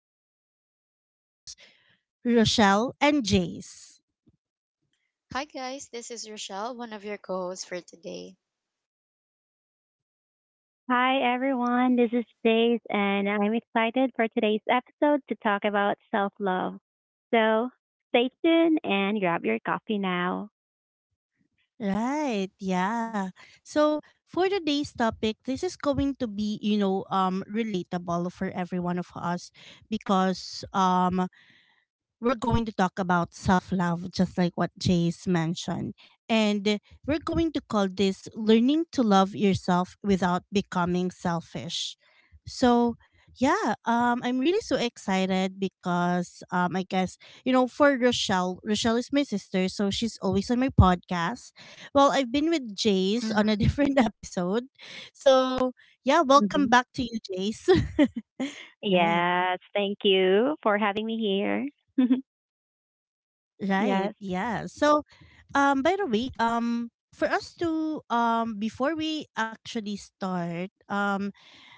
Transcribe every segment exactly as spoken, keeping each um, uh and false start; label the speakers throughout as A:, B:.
A: and I have here my co hosts, Rochelle and Jace.
B: Hi guys, this is Rochelle, one of your co-hosts for today.
C: Hi everyone, this is Jace and I'm excited for today's episode to talk about self-love. So stay tuned and grab your coffee now.
A: Right, yeah. So, for today's topic, this is going to be, you know, um, relatable for every one of us because um, we're going to talk about self love, just like what Jace mentioned. And we're going to call this learning to love yourself without becoming selfish. So, yeah, um, I'm really so excited because um, I guess, you know, for Rochelle, Rochelle is my sister, so she's always on my podcast. Well, I've been with Jace
B: Mhm.
A: on a different episode. So, yeah,
C: hmm
A: welcome back to you, Jace. Right,
C: Yes, thank you for having me here.
A: right.
C: yes.
A: Yeah. So, Um, by the way, um, for us to um before we actually start, um,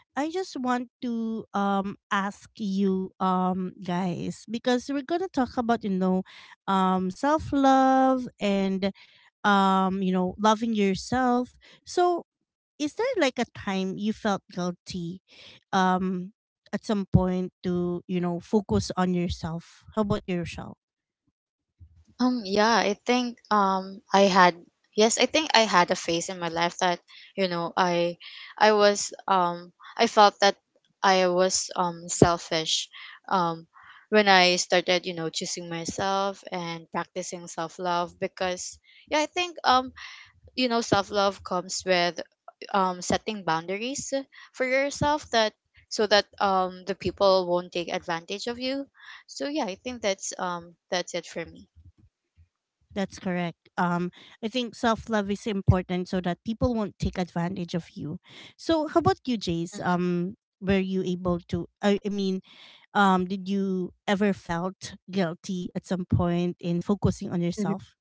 A: I just want to um ask you um guys because we're gonna talk about, you know, um, self love and, um you know loving yourself. So, is there like a time you felt guilty, um, at some point, to, you know focus on yourself? How about yourself?
B: Um, yeah, I think um I had yes, I think I had a phase in my life that you know I I was um I felt that I was um selfish um when I started you know choosing myself and practicing self love because yeah I think um you know self love comes with um setting boundaries for yourself that so that um the people won't take advantage of you. So yeah, I think that's um that's it for me.
A: That's correct. Um, I think self love is important so that people won't take advantage of you. So, how about you, Jace?
B: Mm-hmm.
A: Um, were you able to? I, I mean, um, did you ever felt guilty at some point in focusing on yourself?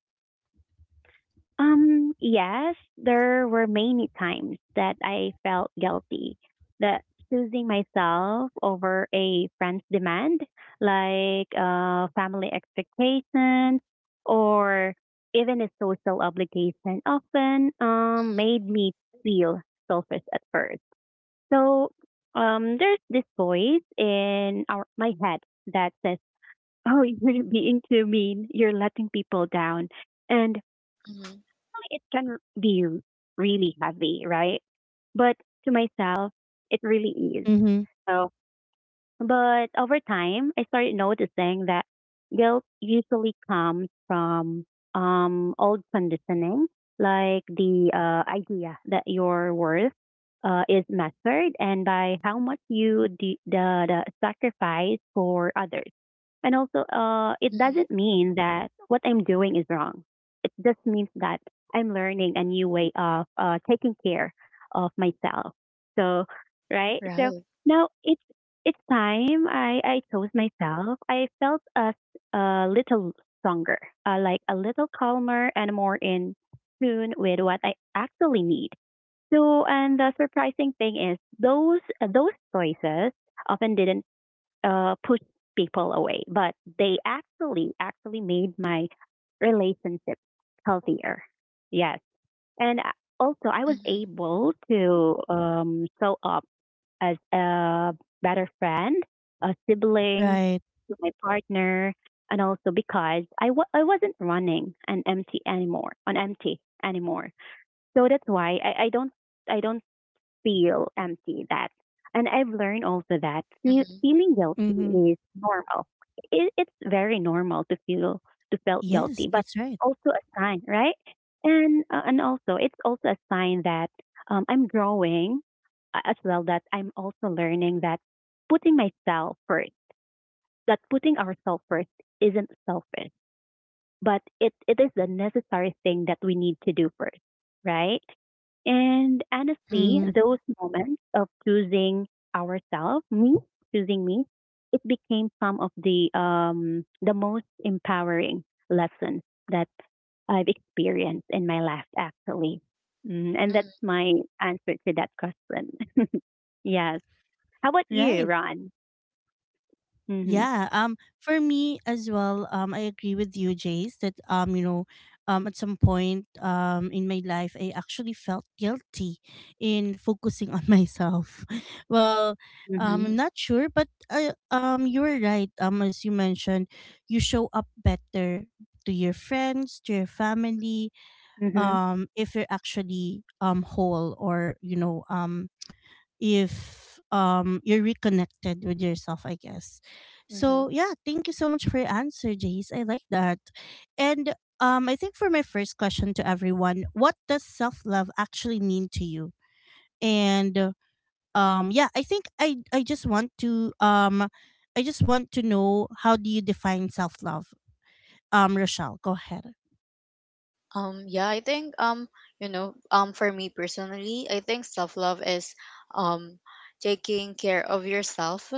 C: Um, yes, there were many times that I felt guilty that choosing myself over a friend's demand, like uh, family expectations or even a social obligation, often um, made me feel selfish at first. So um, there's this voice in our, my head that says, "Oh, you're being too mean. You're letting people down," and
B: Hmm.
C: it can be really heavy, right? But to myself, it really is.
A: Mm-hmm.
C: So, but over time, I started noticing that guilt usually comes from um, old conditioning, like the uh, idea that your worth uh, is measured and by how much you de- the, the sacrifice for others. And also, uh, it
B: Hmm.
C: doesn't mean that what I'm doing is wrong. It just means that I'm learning a new way of uh, taking care of myself. So, right? So
B: Right.
C: now it's it's time I I chose myself. I felt a a little stronger, uh, like a little calmer and more in tune with what I actually need. So, and the surprising thing is those those choices often didn't uh, push people away, but they actually actually made my relationship healthier. Yes, and I- also I was
B: Mm-hmm.
C: able to um, show up as a better friend, a sibling
A: Right.
C: to my partner, and also because I I w- I wasn't running an empty anymore on empty anymore. So that's why I, I don't I don't feel empty that and I've learned also that fe-
B: Mm-hmm.
C: feeling
A: Mm-hmm.
C: guilty is normal. It, it's very normal to feel to feel guilty,
A: Yes,
C: but
A: that's right.
C: also a sign, right? And uh, and also it's also a sign that um, I'm growing, uh, as well that I'm also learning that putting myself first, that putting ourselves first isn't selfish but it, it is a necessary thing that we need to do first, right? And honestly,
A: Mm-hmm.
C: those moments of choosing ourselves, me, choosing me, it became some of the um the most empowering lessons that I've experienced in my life actually. Mm, and that's my answer to that question. yes. How about you,
A: Right.
C: Ron? Mhm.
A: Yeah. Um. For me as well. Um. I agree with you, Jace, That um. You know, um. at some point, um. in my life, I actually felt guilty in focusing on myself. Well, um.
C: Mhm.
B: Hmm.
A: I'm not sure, but I, um. You are right. Um. As you mentioned, you show up better to your friends, to your family.
C: Mhm.
A: Um. If you're actually, um whole, or, you know um if, um you're reconnected with yourself, I guess.
B: Hmm.
A: So, yeah, thank you so much for your answer, Jace. I like that. And, um I think, for my first question to everyone, what does self-love actually mean to you? And, uh, um yeah, I think i i just want to, um i just want to know, how do you define self-love? Um rochelle, go ahead.
B: Um, yeah, I think um, you know, um, for me personally, I think self-love is um taking care of yourself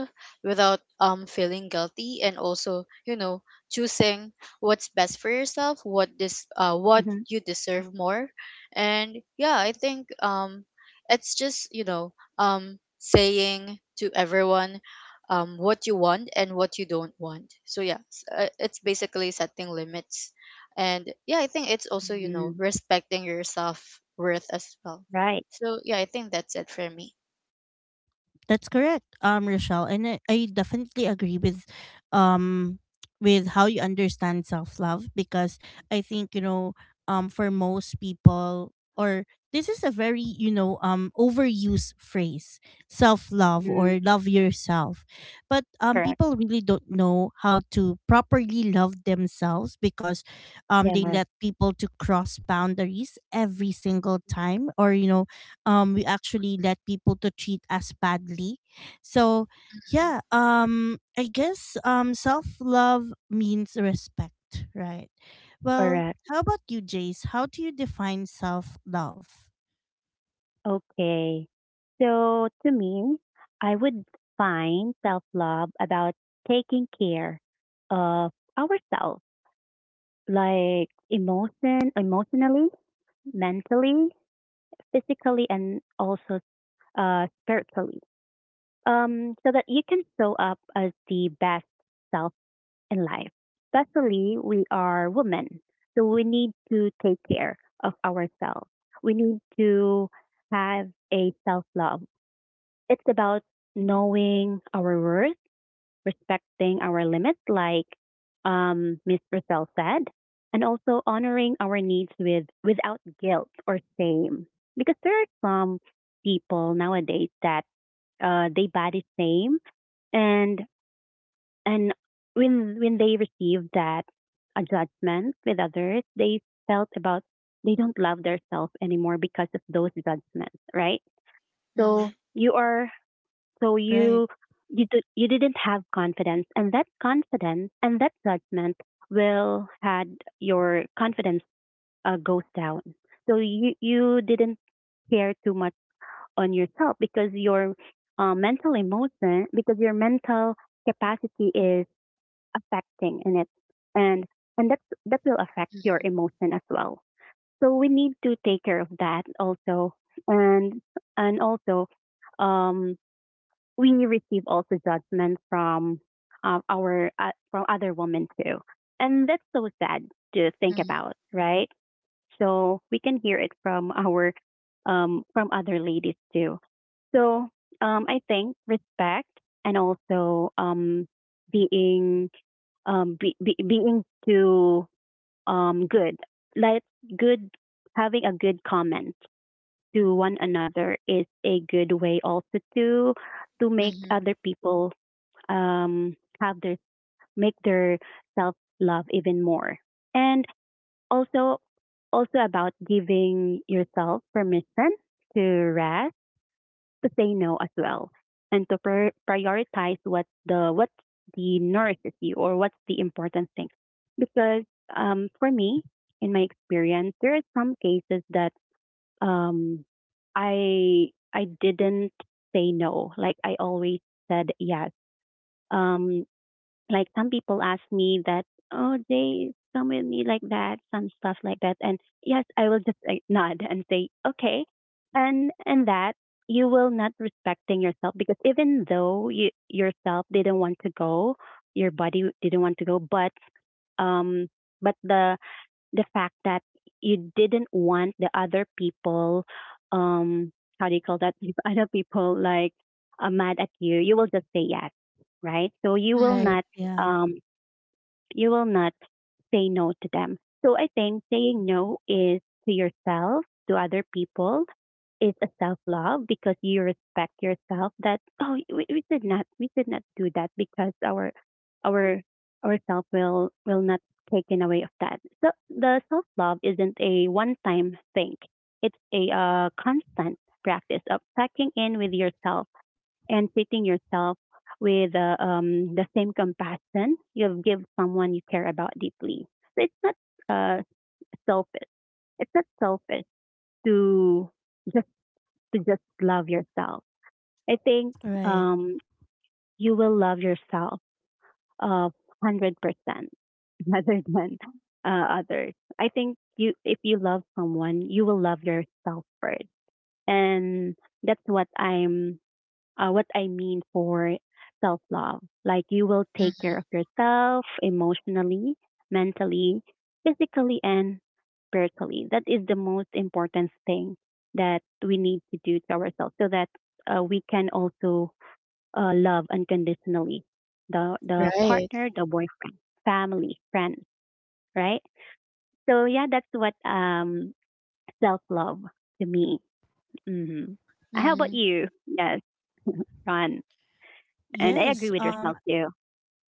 B: without um feeling guilty and also, you know, choosing what's best for yourself, what this uh what
C: Mhm.
B: you deserve more. And yeah, I think um it's just, you know, um saying to everyone um what you want and what you don't want. So yeah, s- uh, it's basically setting limits. And yeah, I think it's also, you know,
C: Mm,
B: respecting your self worth as well.
C: right.
B: So yeah, I think that's it for me.
A: That's correct, um, Rochelle, and I, I definitely agree with, um, with how you understand self love, because I think, you know, um, for most people, or this is a very, you know, um, overused phrase, self love
C: Mm,
A: or love yourself, but, um,
C: correct.
A: people really don't know how to properly love themselves because, um, they
C: Yes.
A: let people to cross boundaries every single time, or, you know, um we actually let people to treat us badly. So, yeah, um I guess, um self love means respect, right? Well,
C: Correct.
A: how about you, Jace? How do you define self love?
C: Okay. So to me, I would find self love about taking care of ourselves, like emotion, emotionally, mentally, physically, and also uh, spiritually. Um, so that you can show up as the best self in life. Especially we are women, so we need to take care of ourselves. We need to have a self love. It's about knowing our worth, respecting our limits, like um, Miss Roselle said, and also honoring our needs with without guilt or shame. Because there are some people nowadays that uh, they body shame, and and when when they receive that a judgment with others, they felt about they don't love themselves anymore because of those judgments, right?
B: Mm-hmm.
C: So
B: Mm-hmm.
C: you are so
A: Right,
C: you you do, you didn't have confidence, and that confidence and that judgment will had your confidence uh, goes down. So you you didn't care too much on yourself because your uh, mental emotion because your mental capacity is affecting in it, and and that that will affect your emotion as well. So we need to take care of that also, and and also. Um, we receive also judgment from uh, our uh, from other women too, and that's so sad to think
B: Mm-hmm.
C: about, right? So we can hear it from our um, from other ladies too. So um, I think respect and also um, being um, be, be, being too um, good, like good having a good comment to one another is a good way also to to make
B: Mm-hmm.
C: other people um have their make their self love even more and also also about giving yourself permission to rest to say no as well and to pr- prioritize what the what the nourishes you or what's the important thing because um for me in my experience there are some cases that um I I didn't say no. Like I always said yes. Um like some people ask me that, oh they come with me like that, some stuff like that. And yes, I will just like, nod and say, okay. And and that you will not respecting yourself because even though you yourself didn't want to go, your body didn't want to go, but um but the the fact that you didn't want the other people um how do you call that if other people like are mad at you you will just say yes, right? So you will
B: Mm-hmm.
A: right.
C: not
A: Yeah.
C: um you will not say no to them. So I think saying no is to yourself, to other people, is a self love because you respect yourself that oh we, we should not we should not do that because our our our self will will not taken away of that. So the self love isn't a one time thing. It's a uh, constant practice of checking in with yourself and treating yourself with uh, um, the same compassion you give someone you care about deeply. So it's not uh, selfish. It's not selfish to just to just love yourself. I think
A: Right.
C: um, you will love yourself uh hundred percent rather than uh, others. I think you if you love someone, you will love yourself first, and that's what I'm uh, what I mean for self love. Like you will take
B: Mm-hmm.
C: care of yourself emotionally, mentally, physically, and spiritually. That is the most important thing that we need to do to ourselves so that uh, we can also uh, love unconditionally the, the
B: Right.
C: partner, the boyfriend, family, friends, right? So, yeah, that's what um, self love to me. Hmm How about
B: Mm-hmm.
C: you? Yes, Ron. And I
A: Yes.
C: agree with
A: um
C: yourself too.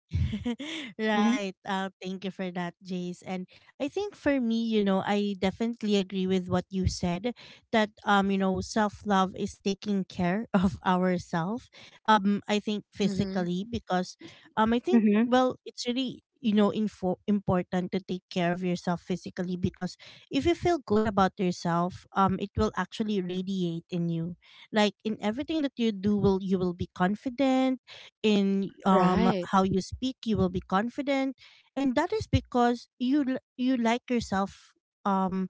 C: Mhm.
A: Right. Uh, thank you for that, Jace. And I think for me, you know, I definitely agree with what you said, that, um, you know, self love is taking care of ourselves. Um, I think
B: Mm-hmm.
A: physically, because, um, I think,
C: Mhm.
A: well, it's really, you know info- important to take care of yourself physically, because if you feel good about yourself, um it will actually radiate in you. Like, in everything that you do, will you will be confident in, um
B: Right.
A: how you speak. You will be confident, and that is because, you l- you like yourself. um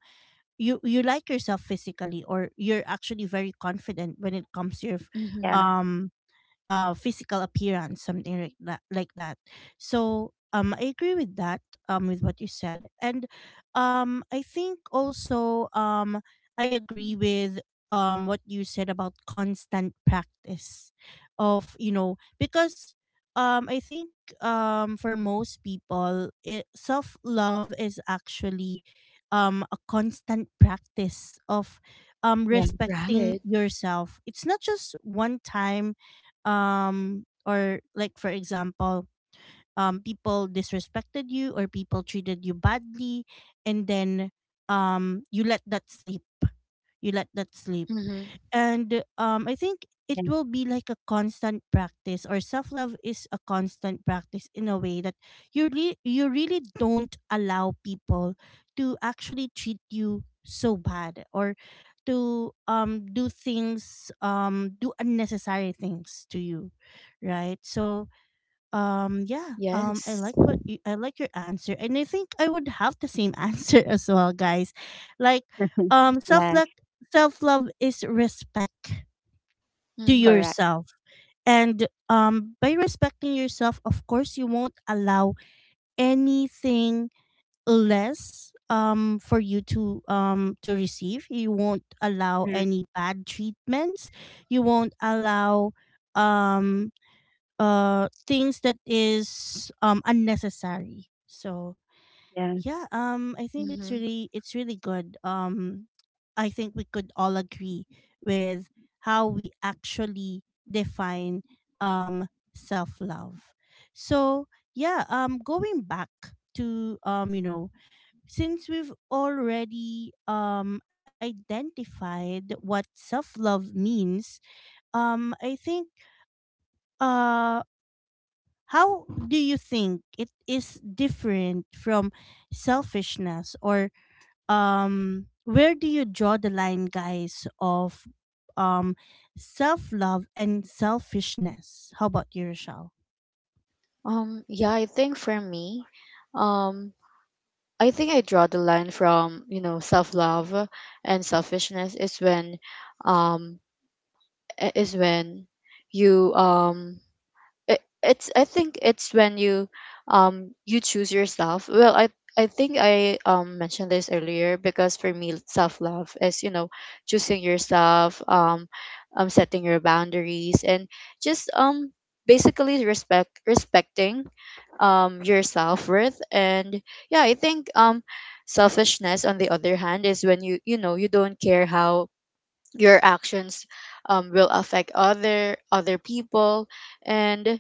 A: you you like yourself physically, or you're actually very confident when it comes to your, f-
B: Mm-hmm.
C: Yeah.
A: um uh physical appearance, something like that, like that so, um I agree with that, um with what you said. And, um I think also, um I agree with, um what you said about constant practice. Of you know Because, um I think, um for most people, it, self love is actually, um a constant practice of, um
C: Yeah.
A: respecting
B: Right.
A: yourself. It's not just one time, um or, like, for example, um people disrespected you, or people treated you badly, and then, um you let that sleep. you let that sleep
B: Mm-hmm.
A: And, um I think it
C: Yeah.
A: will be like a constant practice, or self love is a constant practice in a way that, you re- you really don't allow people to actually treat you so bad, or to, um do things um do unnecessary things to you, right? So, um yeah, um i
B: Yes.
A: like what you, I like your answer, and I think I would have the same answer as well, guys. Like, um self
C: yes.
A: love self love is respect to
B: Mm-hmm.
C: Correct.
A: yourself. And, um by respecting yourself, of course, you won't allow anything less, um for you to um to receive. You won't allow
C: Mhm.
A: any bad treatments. You won't allow, um uh things that is, um unnecessary. So,
C: Yes.
A: yeah, um I think it's
B: Mm-hmm.
A: really, it's really good. um I think we could all agree with how we actually define, um self love. So, yeah, um going back to, um you know since we've already, um identified what self love means, um I think, uh how do you think it is different from selfishness? Or, um where do you draw the line, guys, of, um self-love and selfishness? How about you, Rochelle?
B: Um, yeah, I think for me, um, I think I draw the line from, you know, self-love and selfishness is when, um, i- is when you, um, it, it's I think it's when you um you choose yourself. Well i i think i um mentioned this earlier because for me self love is, you know, choosing yourself, um um setting your boundaries and just um basically respect respecting um your self worth. And yeah, I think um selfishness on the other hand is when you you know, you don't care how your actions um will affect other other people. And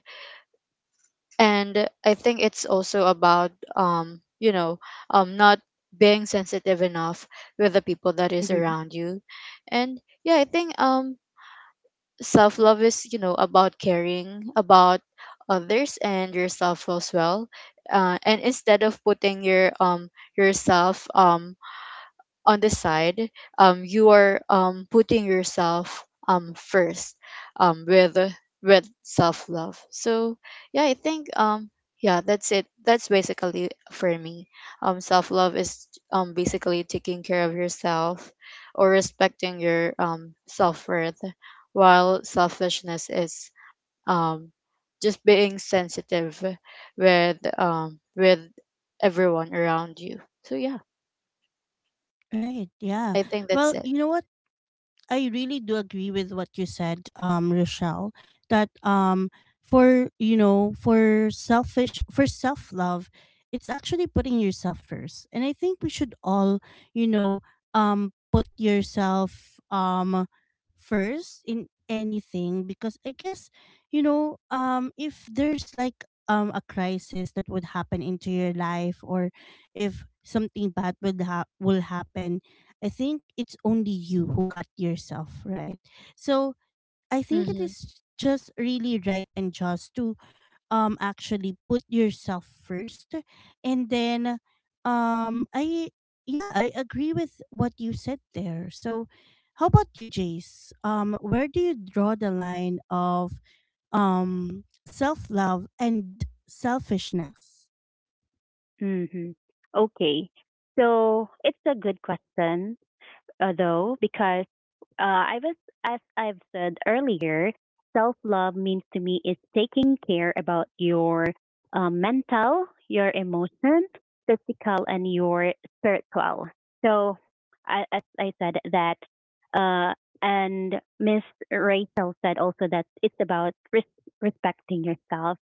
B: and I think it's also about, um you know um not being sensitive enough with the people that is
C: Mhm.
B: around you. And yeah, I think um self love is, you know, about caring about others and yourself as well, uh, and instead of putting your um yourself um on the side, um, you are um, putting yourself, um, first, um, with with self love. So yeah, I think um, yeah, that's it. That's basically for me. Um, self love is, um, basically taking care of yourself or respecting your, um, self worth, while selfishness is, um, just being sensitive with, um, with everyone around you. So yeah,
A: Right, yeah.
B: I think
A: Well,
B: that's it.
A: you know what? I really do agree with what you said, um, Rochelle, that, um for you know, for selfish for self love, it's actually putting yourself first. And I think we should all, you know, um put yourself, um first in anything, because I guess, you know, um if there's like, um a crisis that would happen into your life, or if something bad, would ha- will happen, I think it's only you who got yourself, right. So, I think it
B: Mhm.
A: is just really right and just to, um actually put yourself first. And then, um I yeah, I agree with what you said there. So, how about you, Jace? Um where do you draw the line of, um self love and selfishness?
C: Mhm. Okay. So it's a good question, uh, though, because uh, I was, as I've said earlier, self love means to me is taking care about your uh, mental, your emotion, physical, and your spiritual. So, I, as I said that, uh, and Miss Rachel said also that it's about res- respecting yourself,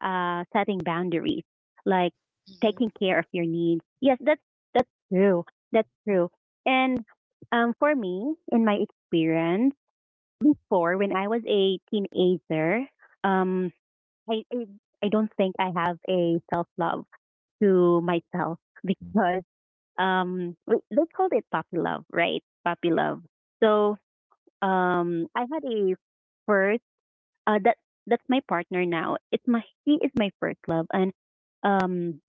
C: uh, setting boundaries, like
B: Mhm.
C: taking care of your needs. Yes, that's that's true. That's true. And um, for me, in my experience, before when I was a teenager, um, I, I I don't think I have a self love to myself because um, w- let's call it puppy love, right? Puppy love. So um, I had a first uh, that that's my partner now. It's my he is my first love, and um,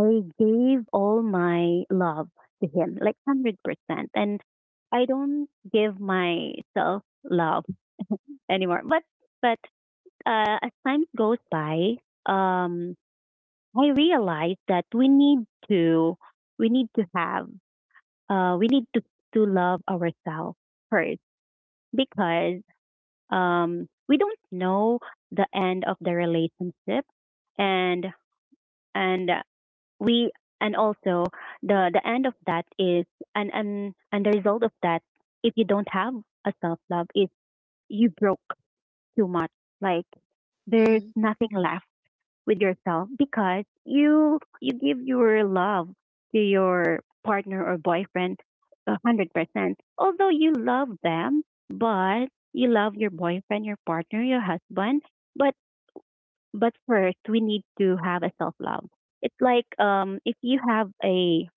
C: I gave all my love to him, like one hundred percent. And I don't give myself love anymore. But but uh, as time goes by, um, I realized that we need to we need to have uh, we need to to love ourselves first because um, we don't know the end of the relationship and and we and also the the end of that is and and and the result of that if you don't have a self love is you broke too much, like there's
B: Mhm.
C: nothing left with yourself because you you give your love to your partner or boyfriend a one hundred percent although you love them, but you love your boyfriend your partner your husband, but but first we need to have a self love. It's like um if you have a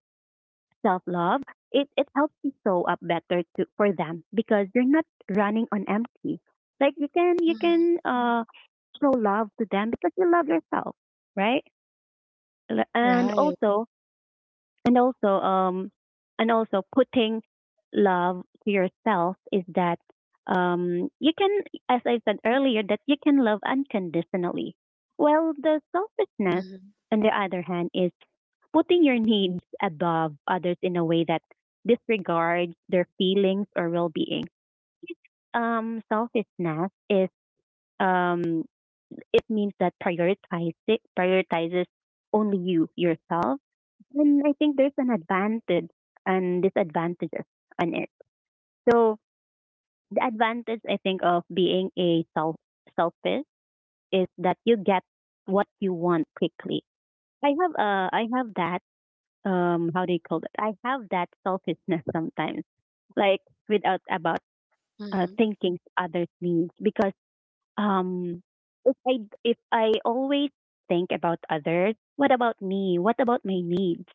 C: self love, it, it helps you show up better to, for them because you're not running on empty. Like you can you
B: Mhm.
C: can uh, show love to them because you love yourself, right? L- And
B: Right.
C: also and also um and also putting love to yourself is that um you can, as I said earlier, that you can love unconditionally. Well, the selfishness
B: Mhm.
C: on the other hand is putting your needs above others in a way that disregards their feelings or well-being. Um selfishness is um it means that prioritizes prioritizes only you yourself, and I think there's an advantage and disadvantages on it. So the advantage I think of being a self selfish is that you get what you want quickly. I have uh I have that um how do you call it? I have that selfishness sometimes, like without about uh
B: Mhm.
C: thinking to others' needs because um if I if I always think about others, what about me? What about my needs?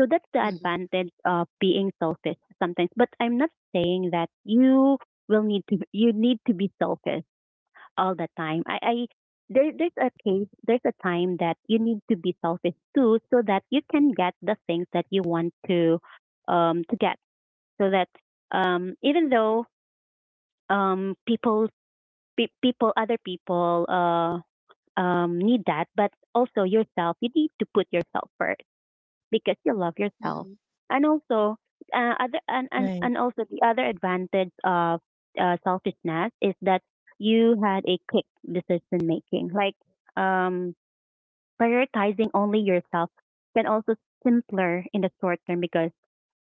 C: So that's the
B: Mhm.
C: advantage of being selfish sometimes. But I'm not saying that you will need to you need to be selfish all the time. I, I There there's a case there's a time that you need to be selfish too so that you can get the things that you want to um to get. So that um even though um people pe- people other people uh um, need that, but also yourself. You need to put yourself first because you love yourself. And also, uh, other and, and
A: Right.
C: and also the other advantage of uh, selfishness is that you had a quick decision making. Like um, prioritizing only yourself can also simpler in the short term because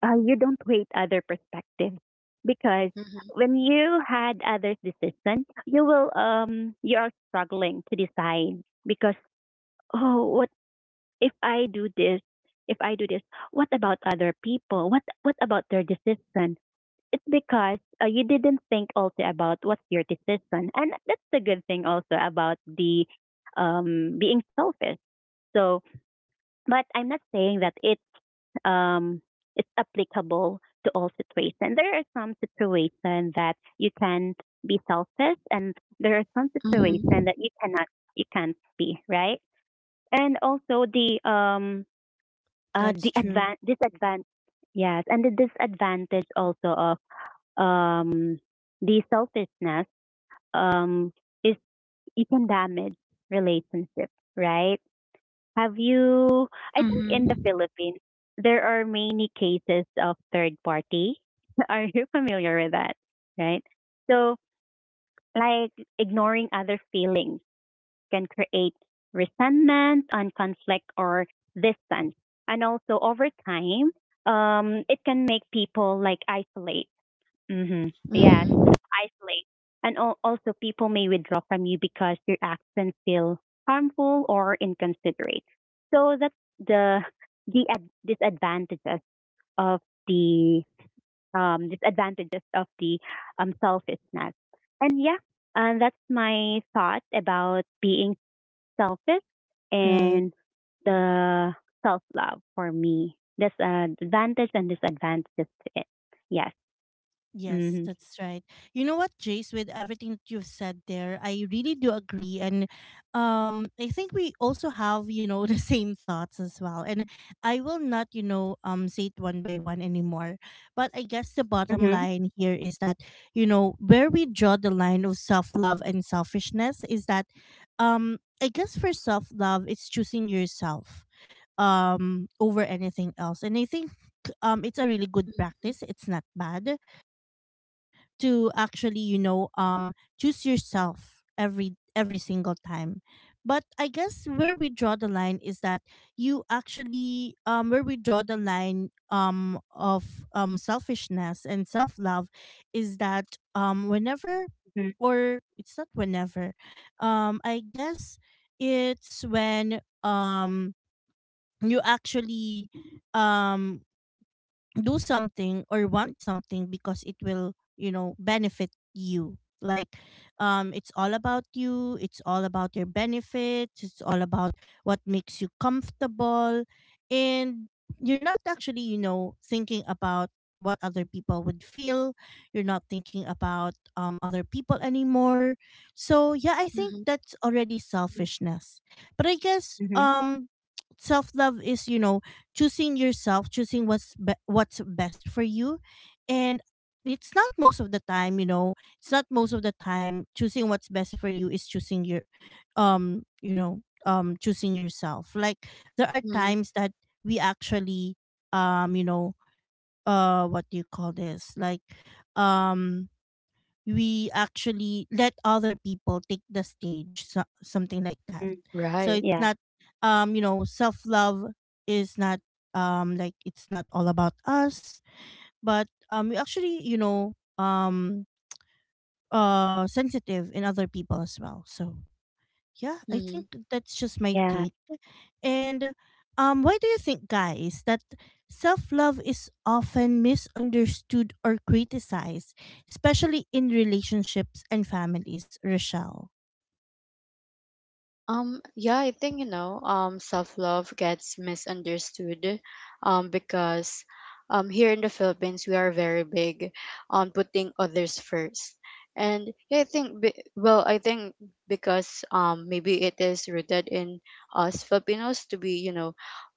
C: uh, you don't wait other perspectives because
B: Mhm.
C: when you had others decision you will um you are struggling to decide because oh, what if I do this, if I do this, what about other people, what what about their decision? It's because uh, you didn't think also about what's your decision, and that's the good thing also about the um being selfish. So but I'm not saying that it's um it's applicable to all situations. There are some situations that you can be selfish and there are some
B: Mhm.
C: situations that you cannot. You can't, be right? And also the um uh the
A: That's true.
C: advan disadvantage. Yes, and the disadvantage also of um the selfishness um is it can damage relationship, right? Have you, I think
B: Mhm.
C: in the
B: Mhm.
C: Philippines there are many cases of third party are you familiar with that? Right. So like ignoring other feelings can create resentment and conflict or distance. And also over time, um, it can make people like isolate. hmm Yes,
B: Mhm.
C: isolate. And al- also people may withdraw from you because your actions feel harmful or inconsiderate. So that's the the ad- disadvantages of the um, disadvantages of the um, selfishness. And yeah, and that's my thought about being selfish
A: Right.
C: and the self love for me. There's an advantage and disadvantages to it. Yes.
A: Yes,
C: Mm-hmm.
A: that's right. You know what, Jace, with everything that you've said there, I really do agree. And, um I think we also have, you know, the same thoughts as well. And I will not, you know, um say it one by one anymore. But I guess the bottom
C: Mm-hmm.
A: line here is that, you know, where we draw the line of self love and selfishness is that, um I guess, for self love, it's choosing yourself, um over anything else. And I think, um it's a really good
B: Mhm.
A: practice. It's not bad to actually, you know um choose yourself, every every single time. But I guess, where we draw the line is that you actually um where we draw the line, um of, um selfishness and self-love is that, um whenever or it's not whenever, um I guess, it's when, um you actually, um do something or want something because it will, you know benefit you. Like, um it's all about you, it's all about your benefits, it's all about what makes you comfortable. And you're not actually, you know thinking about what other people would feel. You're not thinking about, um other people anymore. So, yeah, I think
B: Mhm.
A: that's already selfishness. But I guess,
C: Mm-hmm.
A: um self love is, you know choosing yourself, choosing, what's be- what's best for you, and, it's not most of the time, you know, it's not most of the time choosing what's best for you is choosing your, um, you know, um, choosing yourself. Like, there are
B: Mhm.
A: times that we actually, um, you know, uh, what do you call this? Like, um, we actually let other people take the stage. So, something like that,
C: Mm-hmm.
A: so
B: Right.
A: it's
C: Yeah.
A: not, um you know self love is not, um like, it's not all about us, but, um we actually, you know um uh sensitive in other people as well. So, yeah, I
B: Mhm.
A: think that's just my
C: Yeah.
A: take. And, um, why do you think, guys, that self love is often misunderstood or criticized, especially in relationships and families, Rochelle?
B: Um, yeah, I think, you know, um, self-love gets misunderstood, um, because, um, here in the Philippines, we are very big on putting others first. And yeah, I think, be- well, I think because, um, maybe it is rooted in us Filipinos to be, you know,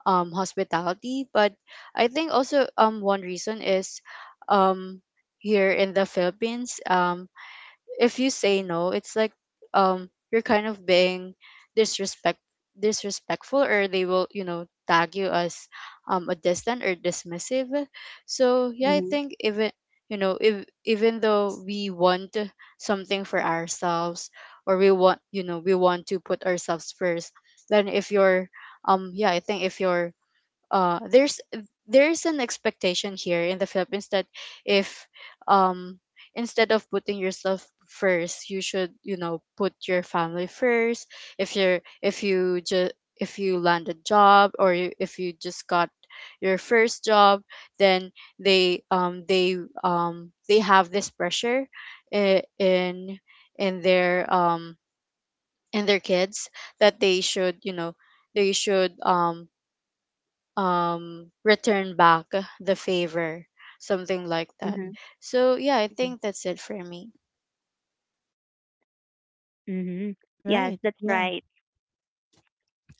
B: um, hospitality. But I think also, um, one reason is, um, here in the Philippines, um, if you say no, it's like um you're kind of being disrespect disrespectful, or they will, you know, tag you as um a distant or dismissive. So yeah, I
C: Mm-hmm.
B: think even, you know, if even though we want something for ourselves or we want, you know, we want to put ourselves first, then if you're um yeah, I think if you're uh there's there's an expectation here in the Philippines that if um instead of putting yourself first you should, you know, put your family first. If you're if you just, if you land a job or you, if you just got your first job, then they um they um they have this pressure i- in in their um in their kids that they should, you know, they should um um return back the favor, something like that.
C: Mm-hmm.
B: So yeah, I think that's it for me.
C: Mm-hmm. Yes,
A: Right.
C: that's
A: Yeah.
C: right.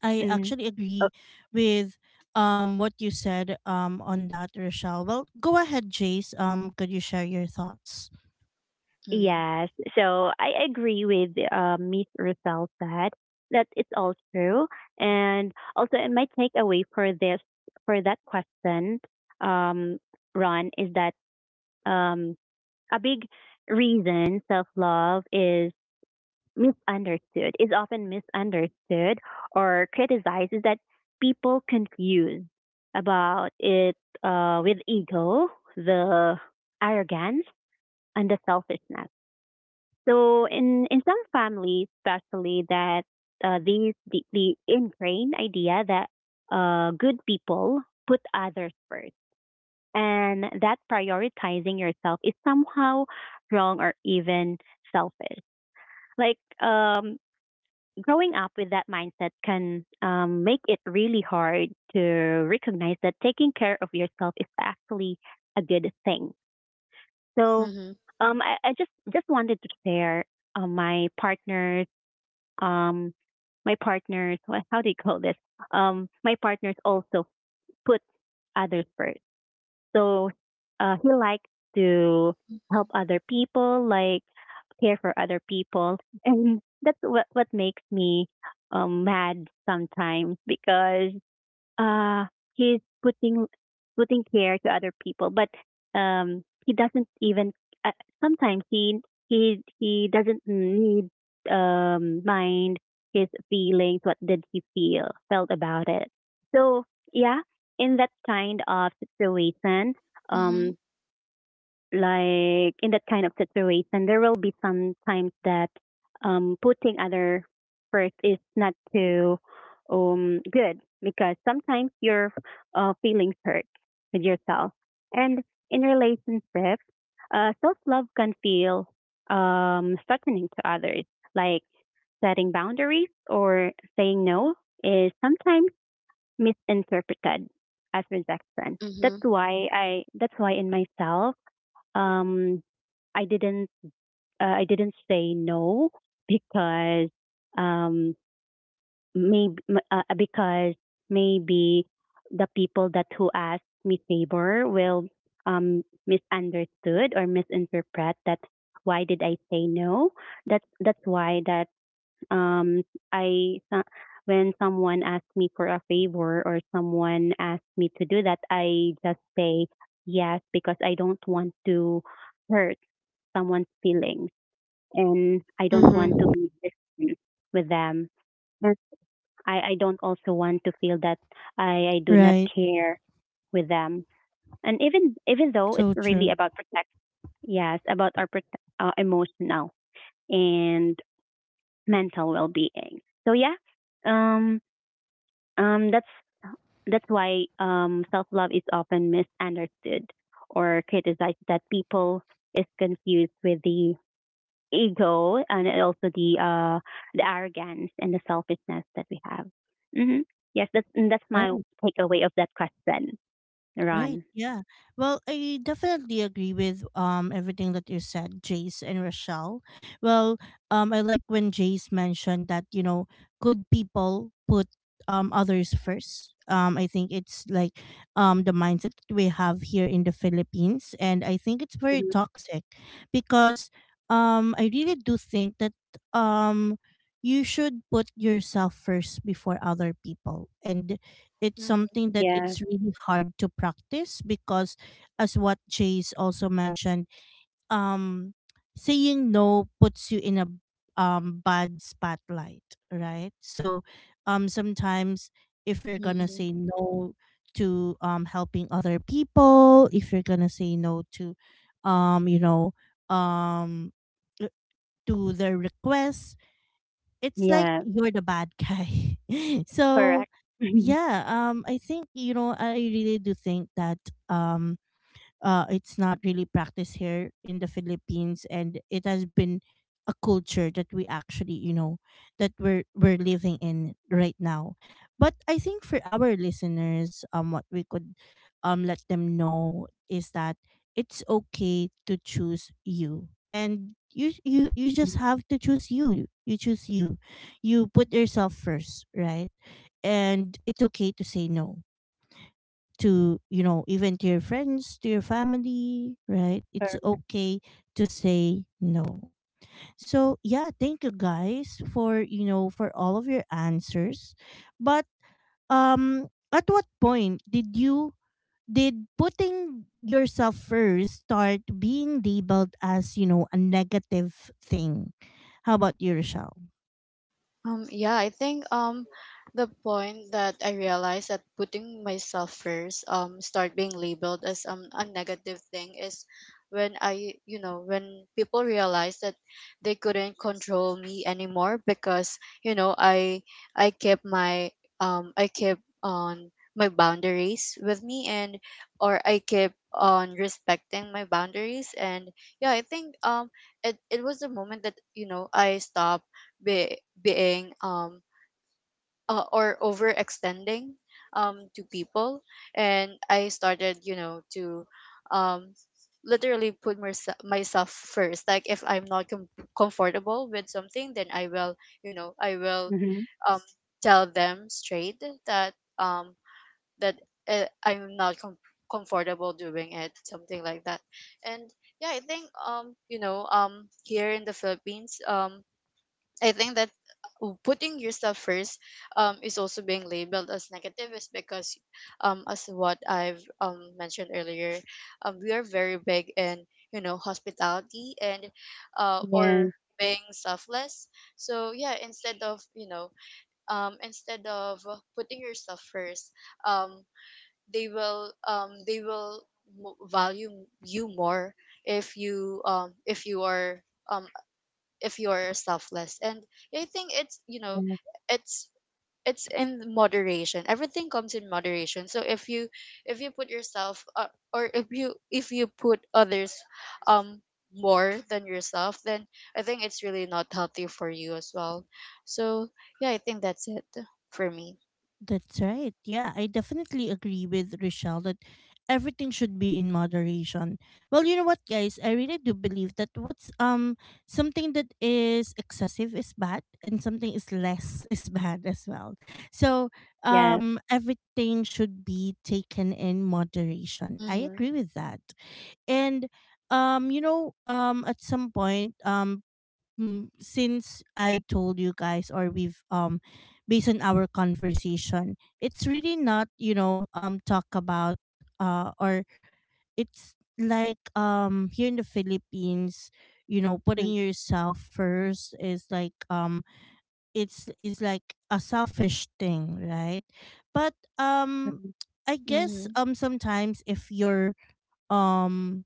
A: I
C: Mm.
A: actually
C: Oh,
A: agree with, um what you said, um on that, Rochelle. Well, go ahead, Jace. Um, could you share your thoughts?
B: Mm-hmm.
C: yes. So I agree with uh, Miss Russell said that it's all true. And also, and my takeaway for this, for that question, um, Ron, is that um, a big reason self love is misunderstood, is often misunderstood or criticized is that people confuse about it uh, with ego, the arrogance, and the selfishness. So in, in some families, especially that uh, these the, the ingrained idea that uh, good people put others first and that prioritizing yourself is somehow wrong or even selfish. Like um, growing up with that mindset can um, make it really hard to recognize that taking care of yourself is actually a good thing. So
B: Mm-hmm.
C: um, I, I just just wanted to share uh, my partner's um, my partner's what, how do you call this? Um, my partners also put others first. So uh, he likes to help other people, like care for other people, and that's what what makes me um, mad sometimes because uh he's putting putting care to other people but um he doesn't even uh, sometimes he he he doesn't need um mind his feelings, what did he feel felt about it. So yeah, in that kind of situation
B: Mm-hmm.
C: um like in that kind of situation, there will be some times that um, putting other first is not too um, good because sometimes your uh, feelings hurt with yourself. And in relationships, uh, self love can feel um, threatening to others, like setting boundaries or saying no is sometimes misinterpreted as rejection.
B: Mm-hmm.
C: That's why I that's why in myself um, I didn't uh, I didn't say no because um maybe uh, because maybe the people that who asked me favor will um misunderstood or misinterpret that why did I say no. that's that's why that um I so- When someone asks me for a favor or someone asks me to do that, I just say yes because I don't want to hurt someone's feelings, and I don't want to
B: Mm-hmm.
C: be distant with them. And I, I don't also want to feel that I, I do not
A: Right.
C: care with them. And even even though it's
A: So
C: really
A: true.
C: about protect, yes, about our prote uh, emotional and mental well-being. So yeah, um, um, that's that's why um, self-love is often misunderstood or criticized that people is confused with the ego and also the uh the arrogance and the selfishness that we have. hmm Yes, that's and that's my takeaway of that question,
A: Right.
C: Ron.
A: Yeah. Well, I definitely agree with, um everything that you said, Jace and Rochelle. Well, um, I like when Jace mentioned that, you know good people put, um others first. Um, I think it's like, um the mindset that we have here in the Philippines, and I think it's very
C: hmm
A: toxic, because, um I really do think that, um you should put yourself first before other people, and it's something that
C: Yes,
A: it's really hard to practice because, as what Chase also mentioned, um saying no puts you in a, um bad spotlight, right? So, um sometimes, if you're gonna
B: Mm-hmm.
A: say no to, um helping other people, if you're gonna say no to, um, you know, um uh, to their requests, it's like
C: yes,
A: you're the bad guy. So
C: correct.
A: yeah, um I think you know I really do think that um uh it's not really practiced here in the Philippines, and it has been a culture that we actually, you know, that we're we're living in right now. But I think for our listeners, um what we could um let them know is that it's okay to choose you. And you you you just have to choose you. You choose you. You put yourself first, right? And it's okay to say no to, you know even to your friends, to your family, right? It's
C: Correct.
A: okay to say no. So yeah, thank you guys for, you know for all of your answers. But um at what point did you did putting yourself first start being labeled as, you know a negative thing? How about you, Rochelle?
B: Um, yeah, I think um the point that I realized that putting myself first, um, start being labeled as um a negative thing is when I, you know, when people realize that they couldn't control me anymore because, you know, I I kept my um I kept on my boundaries with me, and or I kept on respecting my boundaries. And yeah, I think um it, it was the moment that, you know, I stopped be, being um uh, or overextending um to people, and I started, you know, to um literally put myself myself first. Like if I'm not com- comfortable with something, then I will, you know, I will
C: hmm
B: um tell them straight that um that uh, I'm not com- comfortable doing it, something like that. And yeah, I think um you know um here in the Philippines, um I think that, uh, putting yourself first, um, is also being labeled as negative is because, um, as what I've, um, mentioned earlier, um, we are very big in, you know, hospitality and, uh,
C: Yes,
B: or being selfless. So yeah, instead of, you know, um, instead of putting yourself first, um, they will, um, they will mo- value you more if you, um, if you are, um, if you're selfless. And I think it's, you know,
C: yes,
B: it's it's in moderation. Everything comes in moderation. So if you, if you put yourself, uh, or if you, if you put others um more than yourself, then I think it's really not healthy for you as well. So yeah, I think that's it for me.
A: That's right. Yeah, I definitely agree with Rochelle that everything should be in moderation. Well, you know what, guys? I really do believe that what's um something that is excessive is bad, and something is less is bad as well. So
C: yes,
A: um everything should be taken in moderation. I
B: Mm-hmm.
A: agree with that, and um you know um at some point, um mm, since I told you guys, or we've um based on our conversation, it's really not, you know, um talk about, uh or it's like, um here in the Philippines, you know, putting
C: hmm
A: yourself first is like, um it's is like a selfish thing, right? But um I guess
B: Mm-hmm.
A: um sometimes, if you're, um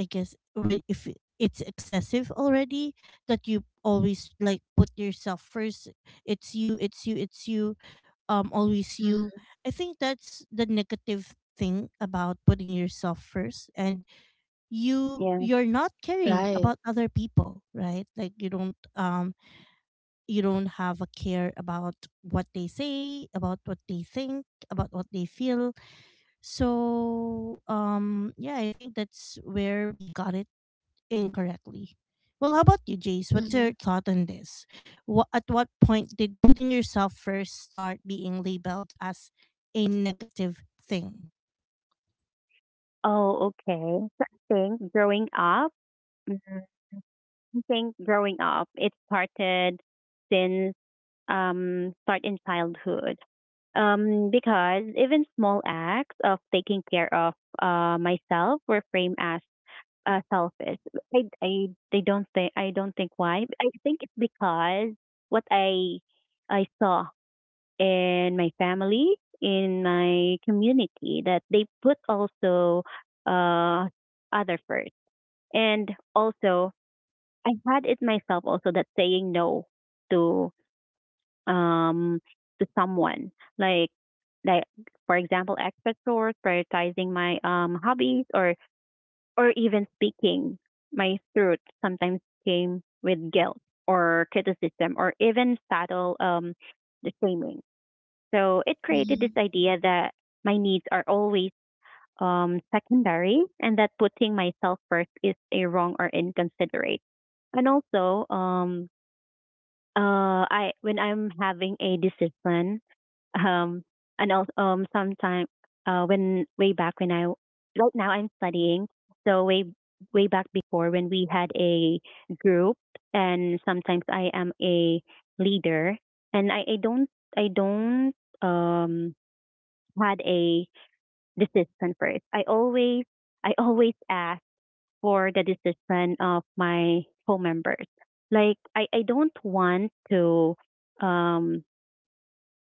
A: I guess, when if it- it's excessive already, that you always like put yourself first. It's you, it's you, it's you, um always you.
B: Mm-hmm.
A: I think that's the negative thing about putting yourself first. And you
C: yes.
A: you're not caring
B: Right.
A: about other people, right? Like you don't, um you don't have a care about what they say, about what they think, about what they feel. So um yeah, I think that's where we got it incorrectly. Well, how about you, Jace? What's
B: Mm-hmm.
A: your thought on this? What, at what point did putting yourself first start being labeled as a negative thing?
C: Oh, okay. So I think growing up, mm-hmm, I think growing up, it started since um, start in childhood. Um, because even small acts of taking care of uh, myself were framed as uh, selfish. I, I, I don't think I don't think why. I think it's because what I I saw in my family, in my community, that they put also uh, other first, and also I had it myself also that saying no to um to someone like like for example expert source prioritizing my um hobbies or or even speaking my truth sometimes came with guilt or criticism or even subtle um the shaming. So it created
B: Mm-hmm.
C: this idea that my needs are always um secondary and that putting myself first is a wrong or inconsiderate. And also um uh, I when I'm having a discipline, um, and also um, sometime uh, when way back when I right now I'm studying, so way way back before when we had a group, and sometimes I am a leader, and I, I don't I don't um had a discipline first. I always I always ask for the decision of my co members. Like I, I don't want to um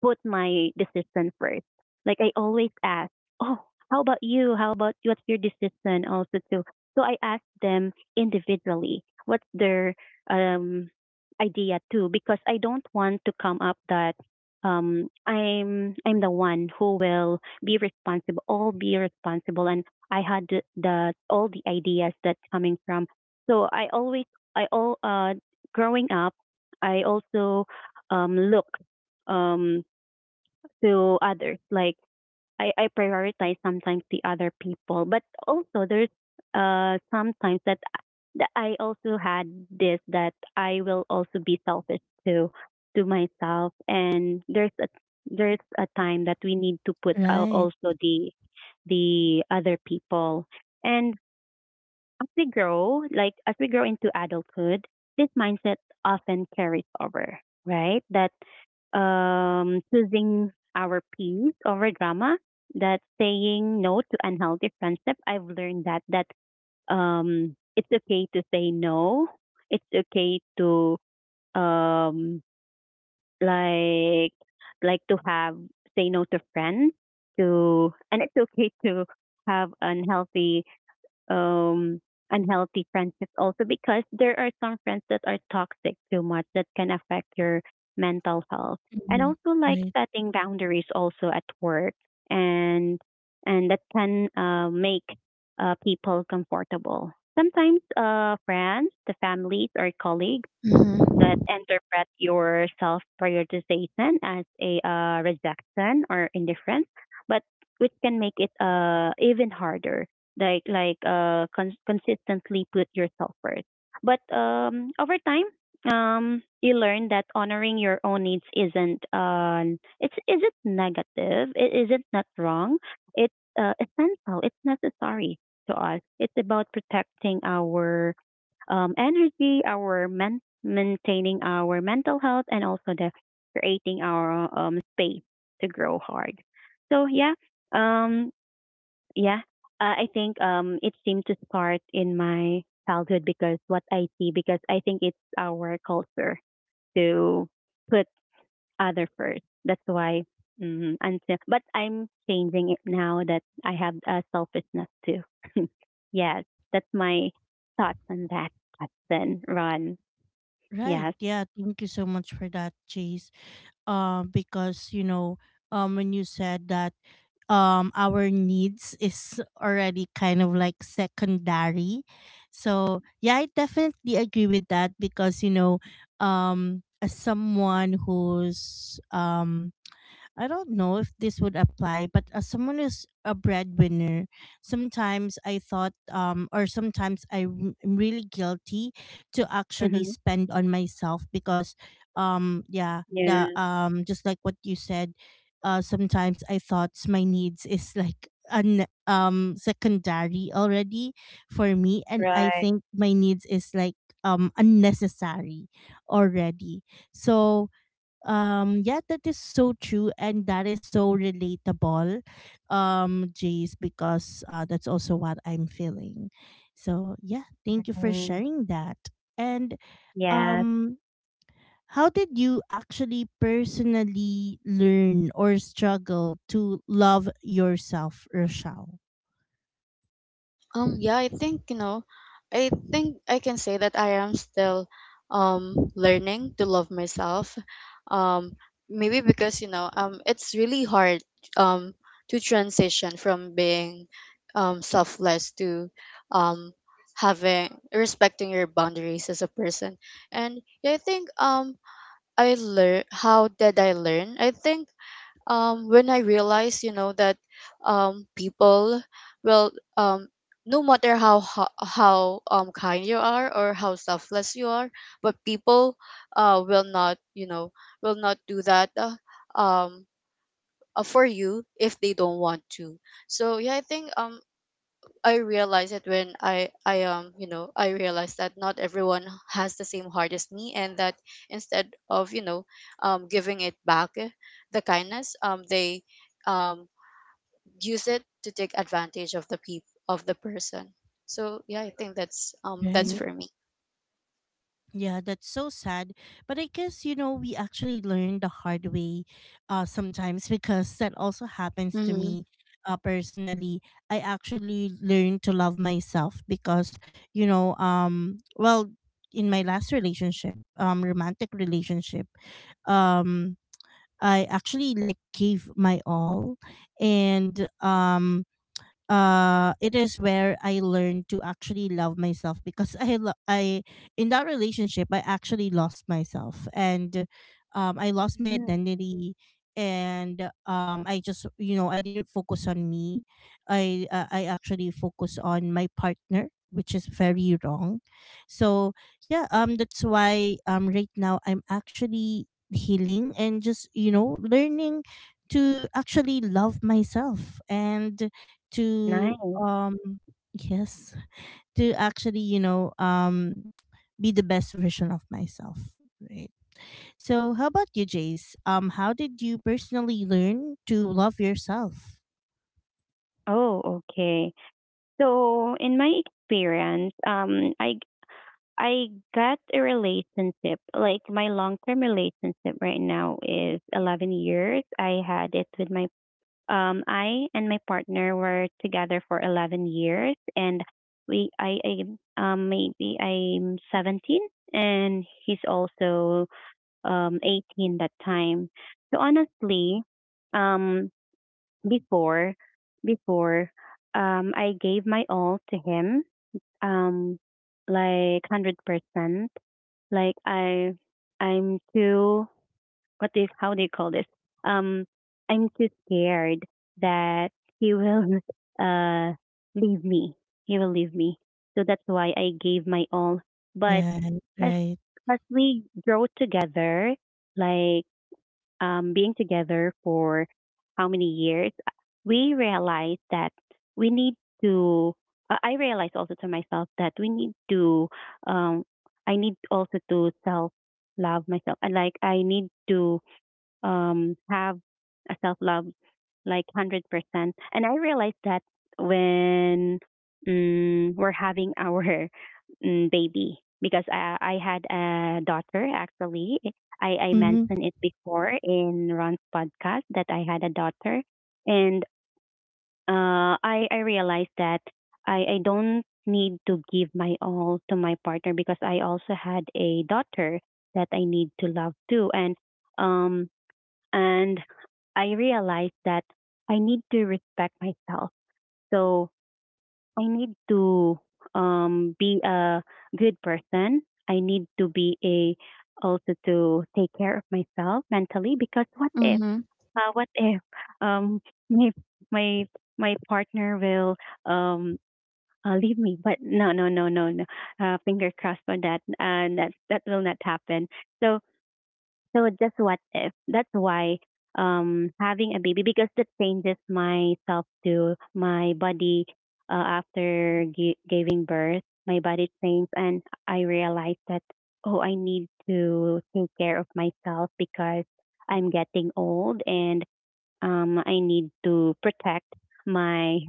C: put my decision first. Like I always ask, oh, how about you? How about what's your decision also too? So I ask them individually what's their um, idea too because I don't want to come up that um, I'm I'm the one who will be responsible, all be responsible, and I had the, the all the ideas that coming from. So I always I all uh growing up, I also um look um to others. Like I, I prioritize sometimes the other people, but also there's uh sometimes that that I also had this that I will also be selfish to to myself, and there's a there's a time that we need to put out
A: Right.
C: also the the other people. And as we grow, like as we grow into adulthood, this mindset often carries over, right? That um, choosing our peace over drama, that saying no to unhealthy friendship. I've learned that that um, it's okay to say no. It's okay to um, like like to have say no to friends to, and it's okay to have unhealthy um, unhealthy friendships also because there are some friends that are toxic too much that can affect your mental health. And
A: Mhm.
C: also like
A: Right.
C: setting boundaries also at work and and that can uh, make uh, people comfortable. Sometimes uh, friends, the families or colleagues that
B: Mm-hmm.
C: interpret your self prioritization as a uh, rejection or indifference, but which can make it uh, even harder. Like like uh, con- consistently put yourself first. But um, over time, um, you learn that honoring your own needs isn't um, it's isn't negative. It isn't not wrong. It's uh, essential. It's necessary to us. It's about protecting our um, energy, our mental maintaining our mental health and also the creating our um space to grow hard. So yeah, um yeah, uh, I think um it seemed to start in my childhood because what I see because I think it's our culture to put other first. That's why mm, until but I'm changing it now that I have uh, selfishness too. Yes, that's my thoughts on that, Justin. Ron.
A: Right.
C: Yes.
A: Yeah. Thank you so much for that, Jace. Um, because, you know, um, when you said that um our needs is already kind of like secondary. So yeah, I definitely agree with that, because, you know um as someone who's, um I don't know if this would apply, but as someone who's a breadwinner, sometimes I thought, um, or sometimes I'm I'm really guilty to actually
C: Mm-hmm.
A: spend on myself, because, um, yeah,
C: Yeah,
A: the um, just like what you said, uh, sometimes I thought my needs is like un um secondary already for me, and I
C: right.
A: think my needs is like um unnecessary already. So um, yeah, that is so true, and that is so relatable, um, Jace, because, uh, that's also what I'm feeling. So yeah, thank you for
C: Mm,
A: sharing that. And
C: yes.
A: um, how did you actually personally learn or struggle to love yourself, Rochelle?
B: Um, yeah, I think, you know, I think I can say that I am still um learning to love myself. Um, maybe because, you know, um it's really hard um to transition from being um selfless to um having respecting your boundaries as a person. And yeah, I think um I learn. How did I learn? I think um, when I realized, you know, that, um, people will, um, no matter how ho- how um, kind you are or how selfless you are, but people, uh, will not, you know, will not do that uh, um, uh, for you if they don't want to. So yeah, I think um, I realized it when I I um you know I realized that not everyone has the same heart as me, and that instead of, you know, um giving it back eh, the kindness, um they um use it to take advantage of the peop- of the person. So yeah, I think that's um that's
C: hmm
A: Right.
B: for me.
A: Yeah, that's so sad. But I guess, you know, we actually learn the hard way, uh, sometimes, because that also happens to
B: Mm-hmm.
A: me, uh, personally. I actually learned to love myself because, you know, um, well, in my last relationship, um, romantic relationship, um, I actually like gave my all, and um uh it is where I learned to actually love myself because I lo- I in that relationship I actually lost myself, and um I lost my identity, and um I just, you know I didn't focus on me. I uh, I actually focus on my partner, which is very wrong. So yeah, um that's why, um right now I'm actually healing, and just, you know, learning to actually love myself, and to
C: Nice.
A: um yes, to actually, you know um be the best version of myself, right? So how about you, Jace? Um how did you personally learn to love yourself?
C: Oh, okay. So in my experience, um, I I got a relationship. Like my long term relationship right now is eleven years. I had it with my um, I and my partner were together for eleven years, and we I, I um maybe I'm seventeen, and he's also um eighteen that time. So honestly, um before before um I gave my all to him um like one hundred percent. Like I I'm too what do you, how do you call this? Um I'm too scared that he will uh leave me. He will leave me. So that's why I gave my all. But
A: Yeah.
C: as
A: Right.
C: as we grow together, like um, being together for how many years, we realized that we need to. I I realized also to myself that we need to. Um, I need also to self love myself, and like I need to um, have a self love like one hundred percent. And I realized that when mm, we're having our mm, baby, because I, I had a daughter actually. I, I
A: Mm-hmm.
C: mentioned it before in Ron's podcast that I had a daughter. And uh, I, I realized that I, I don't need to give my all to my partner because I also had a daughter that I need to love too. And um, and I realized that I need to respect myself. So I need to um, be a good person. I need to be a also to take care of myself mentally because what if
B: Mm-hmm.
C: uh, what if um, my my my partner will um, uh, leave me? But no, no, no, no, no. Uh, finger crossed for that. Uh, that that will not happen. So so just what if? That's why um having a baby, because that changes myself to my body uh, after gi- giving birth. My body changed, and I realized that, oh, I need to take care of myself because I'm getting old, and um, I need to protect my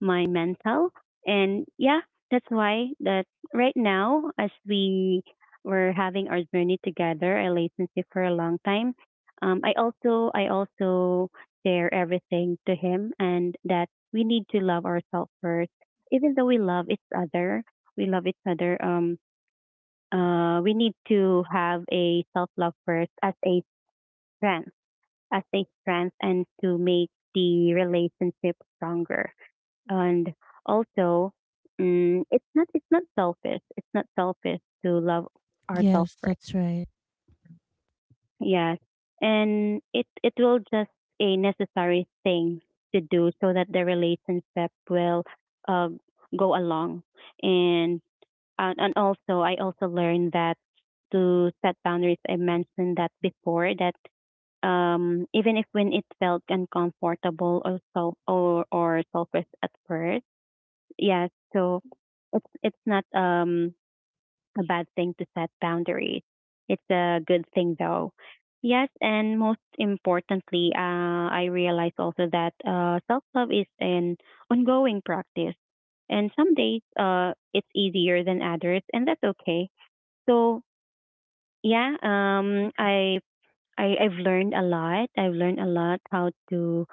C: my mental. And yeah, that's why that right now, as we were having our journey together, a relationship for a long time, um, I also I also share everything to him, and that we need to love ourselves first. Even though we love each other, we love each other. Um, uh, we need to have a self love first as a strength, as a strength and to make the relationship stronger. And also, mm, it's not it's not selfish. It's not selfish to love ourselves
A: Yes.
C: first.
A: That's right.
C: Yes, and it it will just a necessary thing to do so that the relationship will uh, go along, and and, and also I also learned that, to set boundaries. I mentioned that before that um, even if when it felt uncomfortable or self or or selfish at first. Yes. So it's it's not um a bad thing to set boundaries. It's a good thing though. Yes, and most importantly, uh, I realize also that uh, self love is an ongoing practice. And some days, uh, it's easier than others, and that's okay. So yeah, um, I, I I've learned a lot. I've learned a lot how to,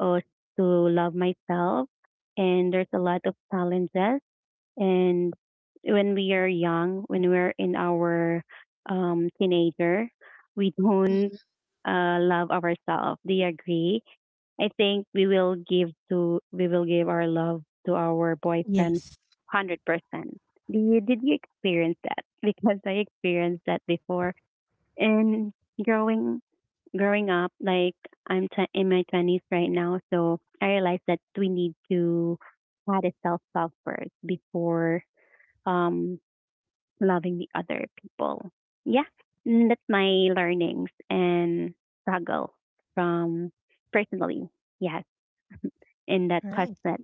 C: uh, to love myself. And there's a lot of challenges, and when we are young, when we're in our um, teenager, we don't
B: Mhm.
C: uh, love ourselves. Do you agree? I think we will give to we will give our love to our boyfriend
A: Yes.
C: hundred percent. Do you did you experience that? Because I experienced that before. And growing growing up, like, I'm t- in my twenties right now, so I realized that we need to had a self talk first before um, loving the other people. Yeah, mm, that's my learnings and struggle from personally. Yes, in that
A: Right.
C: concept.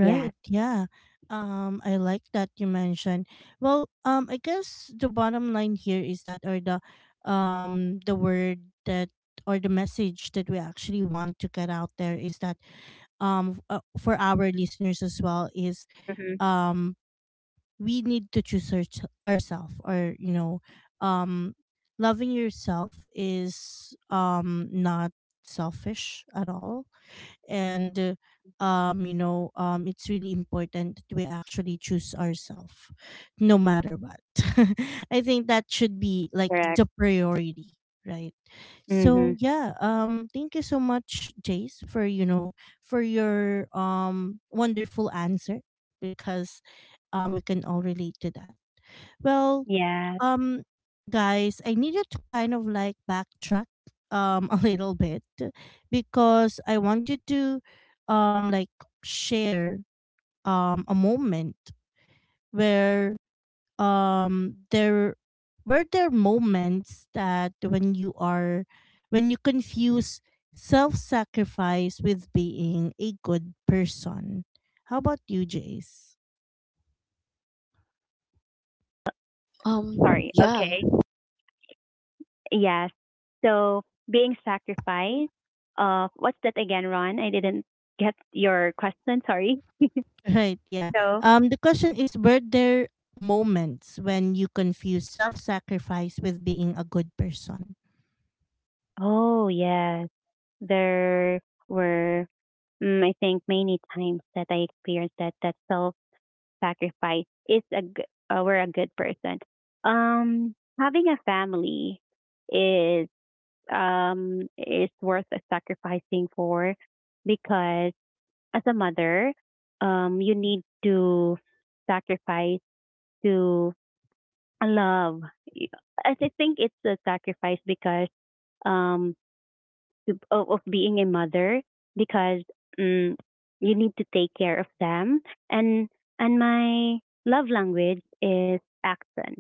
C: Yes.
A: Yeah. Um, I like that you mentioned. Well, um, I guess the bottom line here is that, or the, um, the word that, or the message that we actually want to get out there is that, um, f- uh, for our listeners as well is,
C: Mm-hmm.
A: um, we need to choose our, ourselves, or, you know, um, loving yourself is, um, not selfish at all, and uh, um you know um it's really important that we actually choose ourselves, no matter what. I think that should be like
C: Correct.
A: the priority, right?
C: Mm-hmm.
A: So yeah, um thank you so much, Jace, for, you know for your um wonderful answer, because um we can all relate to that. Well,
C: Yes.
A: um, guys, I needed to kind of like backtrack um a little bit, because I wanted to um like share um a moment where, um there were there moments that, when you are when you confuse self-sacrifice with being a good person. How about you, Jace?
B: Um,
C: Sorry.
B: yeah.
C: Okay. Yes. So being sacrificed. Uh, what's that again, Ron? I didn't get your question. Sorry.
A: Right, yeah.
C: So.
A: Um the question is, were there moments when you confuse self-sacrifice with being a good person?
C: Oh yes, there were. Mm, I think many times that I experienced that that self sacrifice is a g- uh, we're a good person. Um, Having a family is um is worth sacrificing for, because as a mother, um, you need to sacrifice to love. I thi- think it's a sacrifice because um to, of, of being a mother, because mm you need to take care of them. And and my love language is action.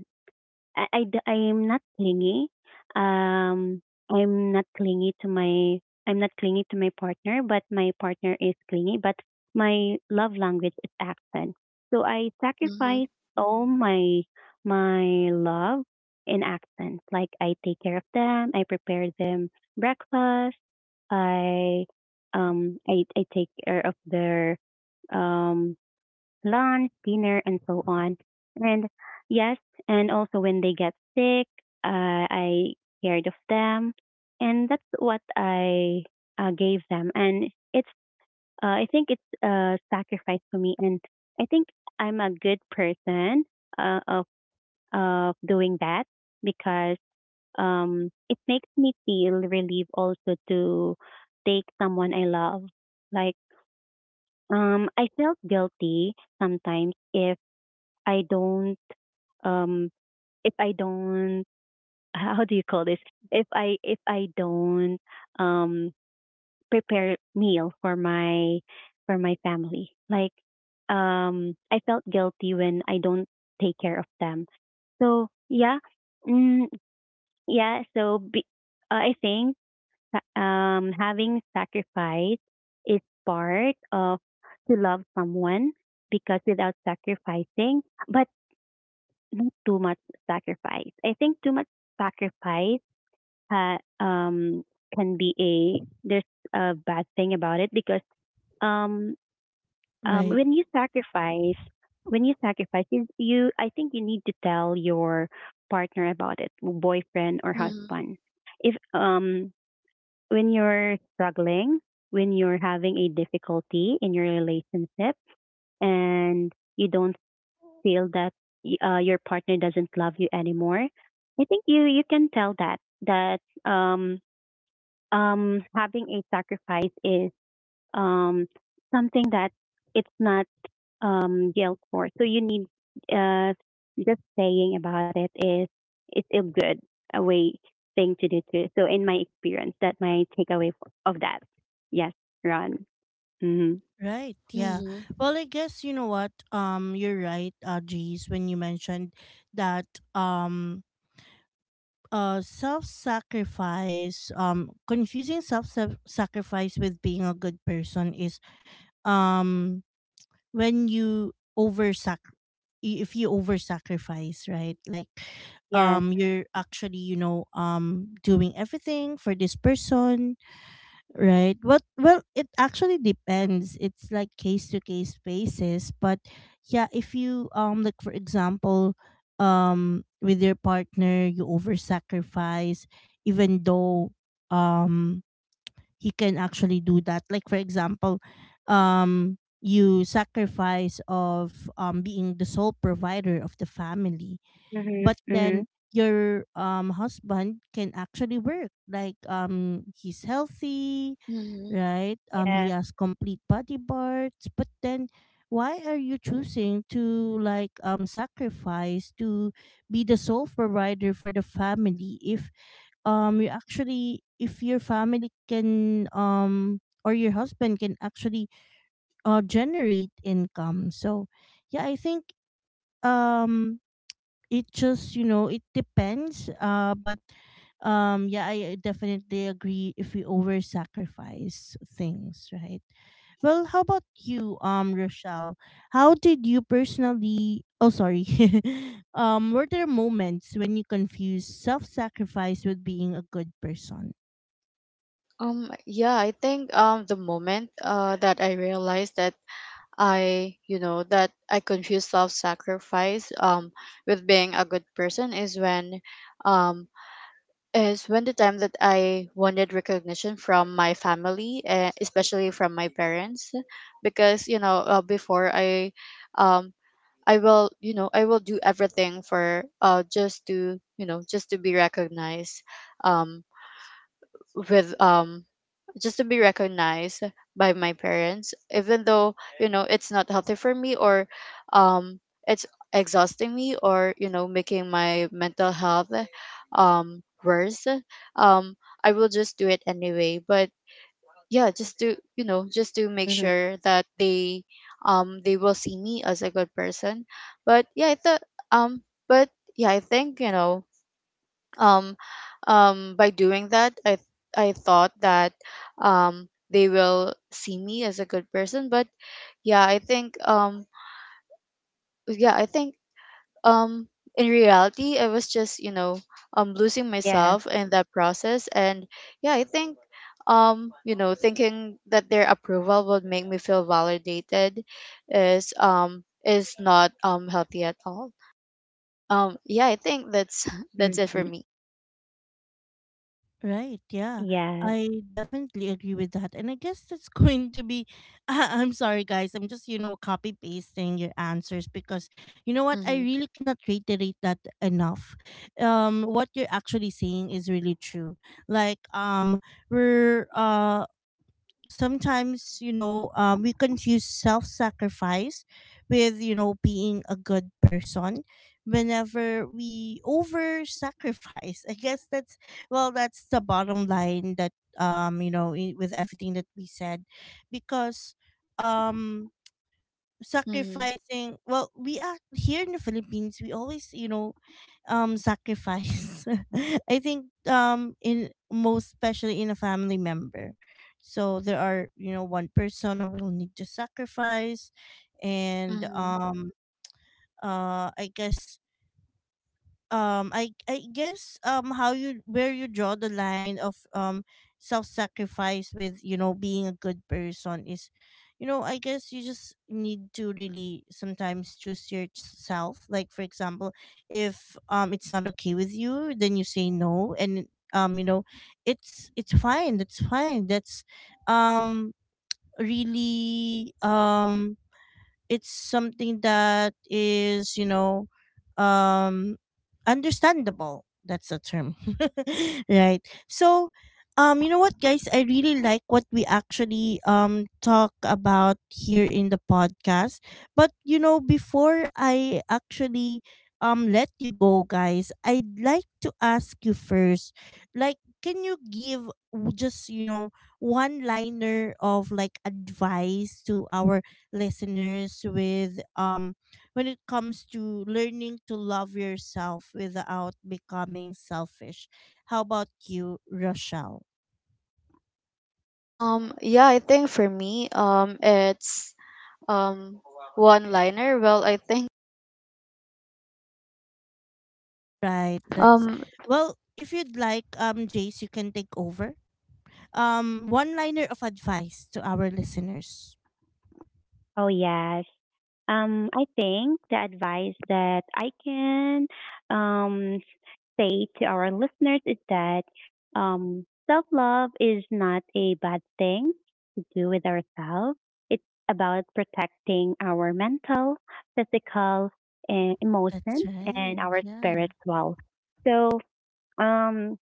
C: I, I, d- I am not clingy. Um, I'm not clingy to my, I'm not clingy to my partner, but my partner is clingy, but my love language is action. So I
B: Mm-hmm.
C: sacrifice all my, my love in action. Like, I take care of them, I prepare them breakfast, I, um, I, I take care of their, um, lunch, dinner, and so on. And yes, and also when they get sick, uh, I cared of them, and that's what I uh, gave them. And it's uh, I think it's a sacrifice for me, and I think I'm a good person, uh, of of doing that, because um, it makes me feel relieved also to take someone I love. Like, um, I felt guilty sometimes. if I don't um if I don't how do you call this? If I if I don't um prepare meal for my for my family. Like, um I felt guilty when I don't take care of them. So yeah. Mm, yeah, so be, uh, I think, sa- um having sacrifice is part of to love someone, because without sacrificing, but not too much sacrifice. I think too much sacrifice ha, um can be a there's a bad thing about it, because um um
A: Right.
C: when you sacrifice when you sacrifice, you, you I think you need to tell your partner about it, boyfriend or
B: Mm-hmm.
C: husband. If, um when you're struggling, when you're having a difficulty in your relationship, and you don't feel that y- uh, your partner doesn't love you anymore, I think you you can tell that that um um having a sacrifice is um something that it's not um yelled for. So you need, uh just saying about it is it's a good a way thing to do too. So in my experience, that my takeaway f- of that. Yes, Ron. Mm-hmm.
A: Right, yeah.
B: Mm-hmm.
A: Well, I guess you know what? Um you're right, uh Jeez, when you mentioned that um uh self-sacrifice, um confusing self-sacrifice with being a good person is um when you over sac if you over sacrifice, right? Like
C: Yes.
A: um you're actually, you know um doing everything for this person, right? what Well, it actually depends, it's like case to case basis, but yeah, if you, um like for example, um with your partner you over sacrifice even though, um he can actually do that. Like for example, um you sacrifice of um being the sole provider of the family,
C: Mm-hmm.
A: but then
C: Mm-hmm.
A: your um husband can actually work. Like um he's healthy,
B: Mm-hmm.
A: right? Um he
C: Yes.
A: has complete body parts, but then why are you choosing to, like, um sacrifice to be the sole provider for the family, if um you actually if your family can, um or your husband can actually uh generate income. So yeah, I think um it just, you know, it depends, uh but um yeah, I definitely agree, if we over sacrifice things, right? Well, how about you, um Rochelle? How did you personally, oh sorry, um were there moments when you confused self-sacrifice with being a good person?
B: Um, yeah, I think um the moment uh that I realized that I, you know, that I confuse self-sacrifice um with being a good person is when um is when the time that I wanted recognition from my family, uh, especially from my parents, because you know uh, before I um I will, you know, I will do everything for uh just to, you know, just to be recognized um with um just to be recognized by my parents, even though, you know, it's not healthy for me, or um it's exhausting me, or you know making my mental health um worse. um I will just do it anyway, but yeah, just to, you know, just to make
C: Mm-hmm.
B: sure that they, um they will see me as a good person. But yeah i thought um but yeah, I think, you know, um, um, by doing that, I I thought that, um, they will see me as a good person. But yeah, I think um, yeah, I think um, in reality, I was just, you know, um, losing
C: Yes.
B: myself in that process. And yeah, I think, um, you know, thinking that their approval would make me feel validated is, um, is not, um, healthy at all. Um, yeah, I think that's that's it for
C: Mm-hmm.
B: me.
A: Right. Yeah.
C: Yes.
A: I definitely agree with that. And I guess that's going to be I'm sorry, guys. I'm just, you know, copy pasting your answers, because, you know what? I
B: Mm-hmm.
A: really cannot reiterate that enough. Um what you're actually saying is really true. Like um we're uh sometimes, you know um, we confuse self-sacrifice with, you know, being a good person whenever we over sacrifice. I guess that's, well, that's the bottom line, that, um you know, i- with everything that we said, because um
B: Mm-hmm.
A: sacrificing, well, we are
C: Yes,
A: here in the Philippines, we always, you know, um sacrifice. I think um in most especially in a family member, so there are, you know, one person who will need to sacrifice. And
B: Mm-hmm.
A: um uh I guess, um i i guess, um how you where you draw the line of um self-sacrifice with, you know, being a good person is, you know, I guess you just need to really sometimes choose yourself. Like for example, if um it's not okay with you, then you say no. And um you know, it's it's fine, that's fine. That's um really, um it's something that is, you know, um understandable, that's the term. Right.
C: yes.
A: So um you know what, guys? I really like what we actually um talk about here in the podcast. But you know, before I actually um let you go, guys, I'd like to ask you first, like, can you give, w- just, you know, one liner of like advice to our listeners with, um when it comes to learning to love yourself without becoming selfish. How about you, Rochelle?
B: Um, yeah, I think for me, um, it's um one liner. Well, I think
A: Right. That's
B: um
A: Well, if you'd like, um, Jace, you can take over. Um, one liner of advice to our listeners?
C: Oh, yes. Um, I think the advice that I can, um, say to our listeners is that um, self love is not a bad thing to do with ourselves. It's about protecting our mental, physical, and
A: That's
C: emotion,
A: right.
C: and our
A: Yeah.
C: spiritual. So, um,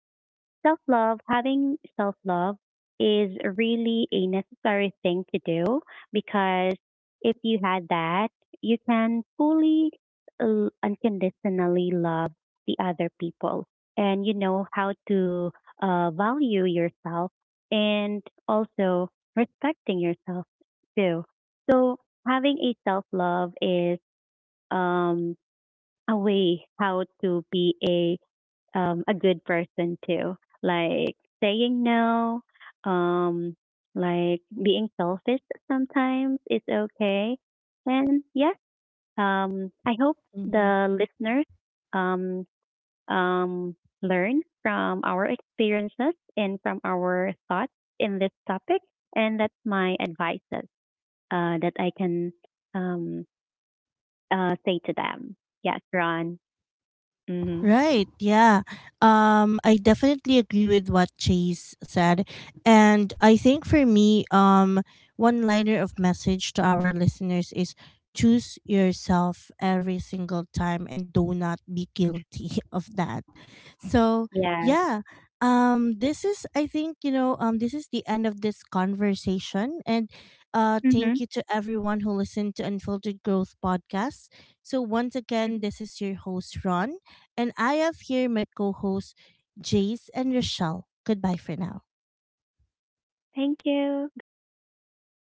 C: self love, having self love is really a necessary thing to do, because if you had that, you can fully l- unconditionally love the other people, and you know how to uh, value yourself, and also respecting yourself too. So having a self love is, um, a way how to be a, um, a good person too. Like, saying no, um, like being selfish sometimes is okay. And yes, um, I hope
A: Mm-hmm.
C: the listeners um, um, learn from our experiences and from our thoughts in this topic. And that's my advices, uh, that I can, um, uh, say to them. Yes, Ron. Mm-hmm.
A: Right. Yeah. Um I definitely agree with what Chase said. And I think for me, um one liner of message to our listeners is: choose yourself every single time, and do not be guilty of that. So,
C: Yes.
A: yeah. Um this is, I think, you know, um this is the end of this conversation, and uh
C: Mm-hmm.
A: thank you to everyone who listened to Unfiltered Growth podcast. So, once again, this is your host Ron, and I have here my co hosts, Jace and Rochelle. Goodbye for now.
C: Thank you. Goodbye.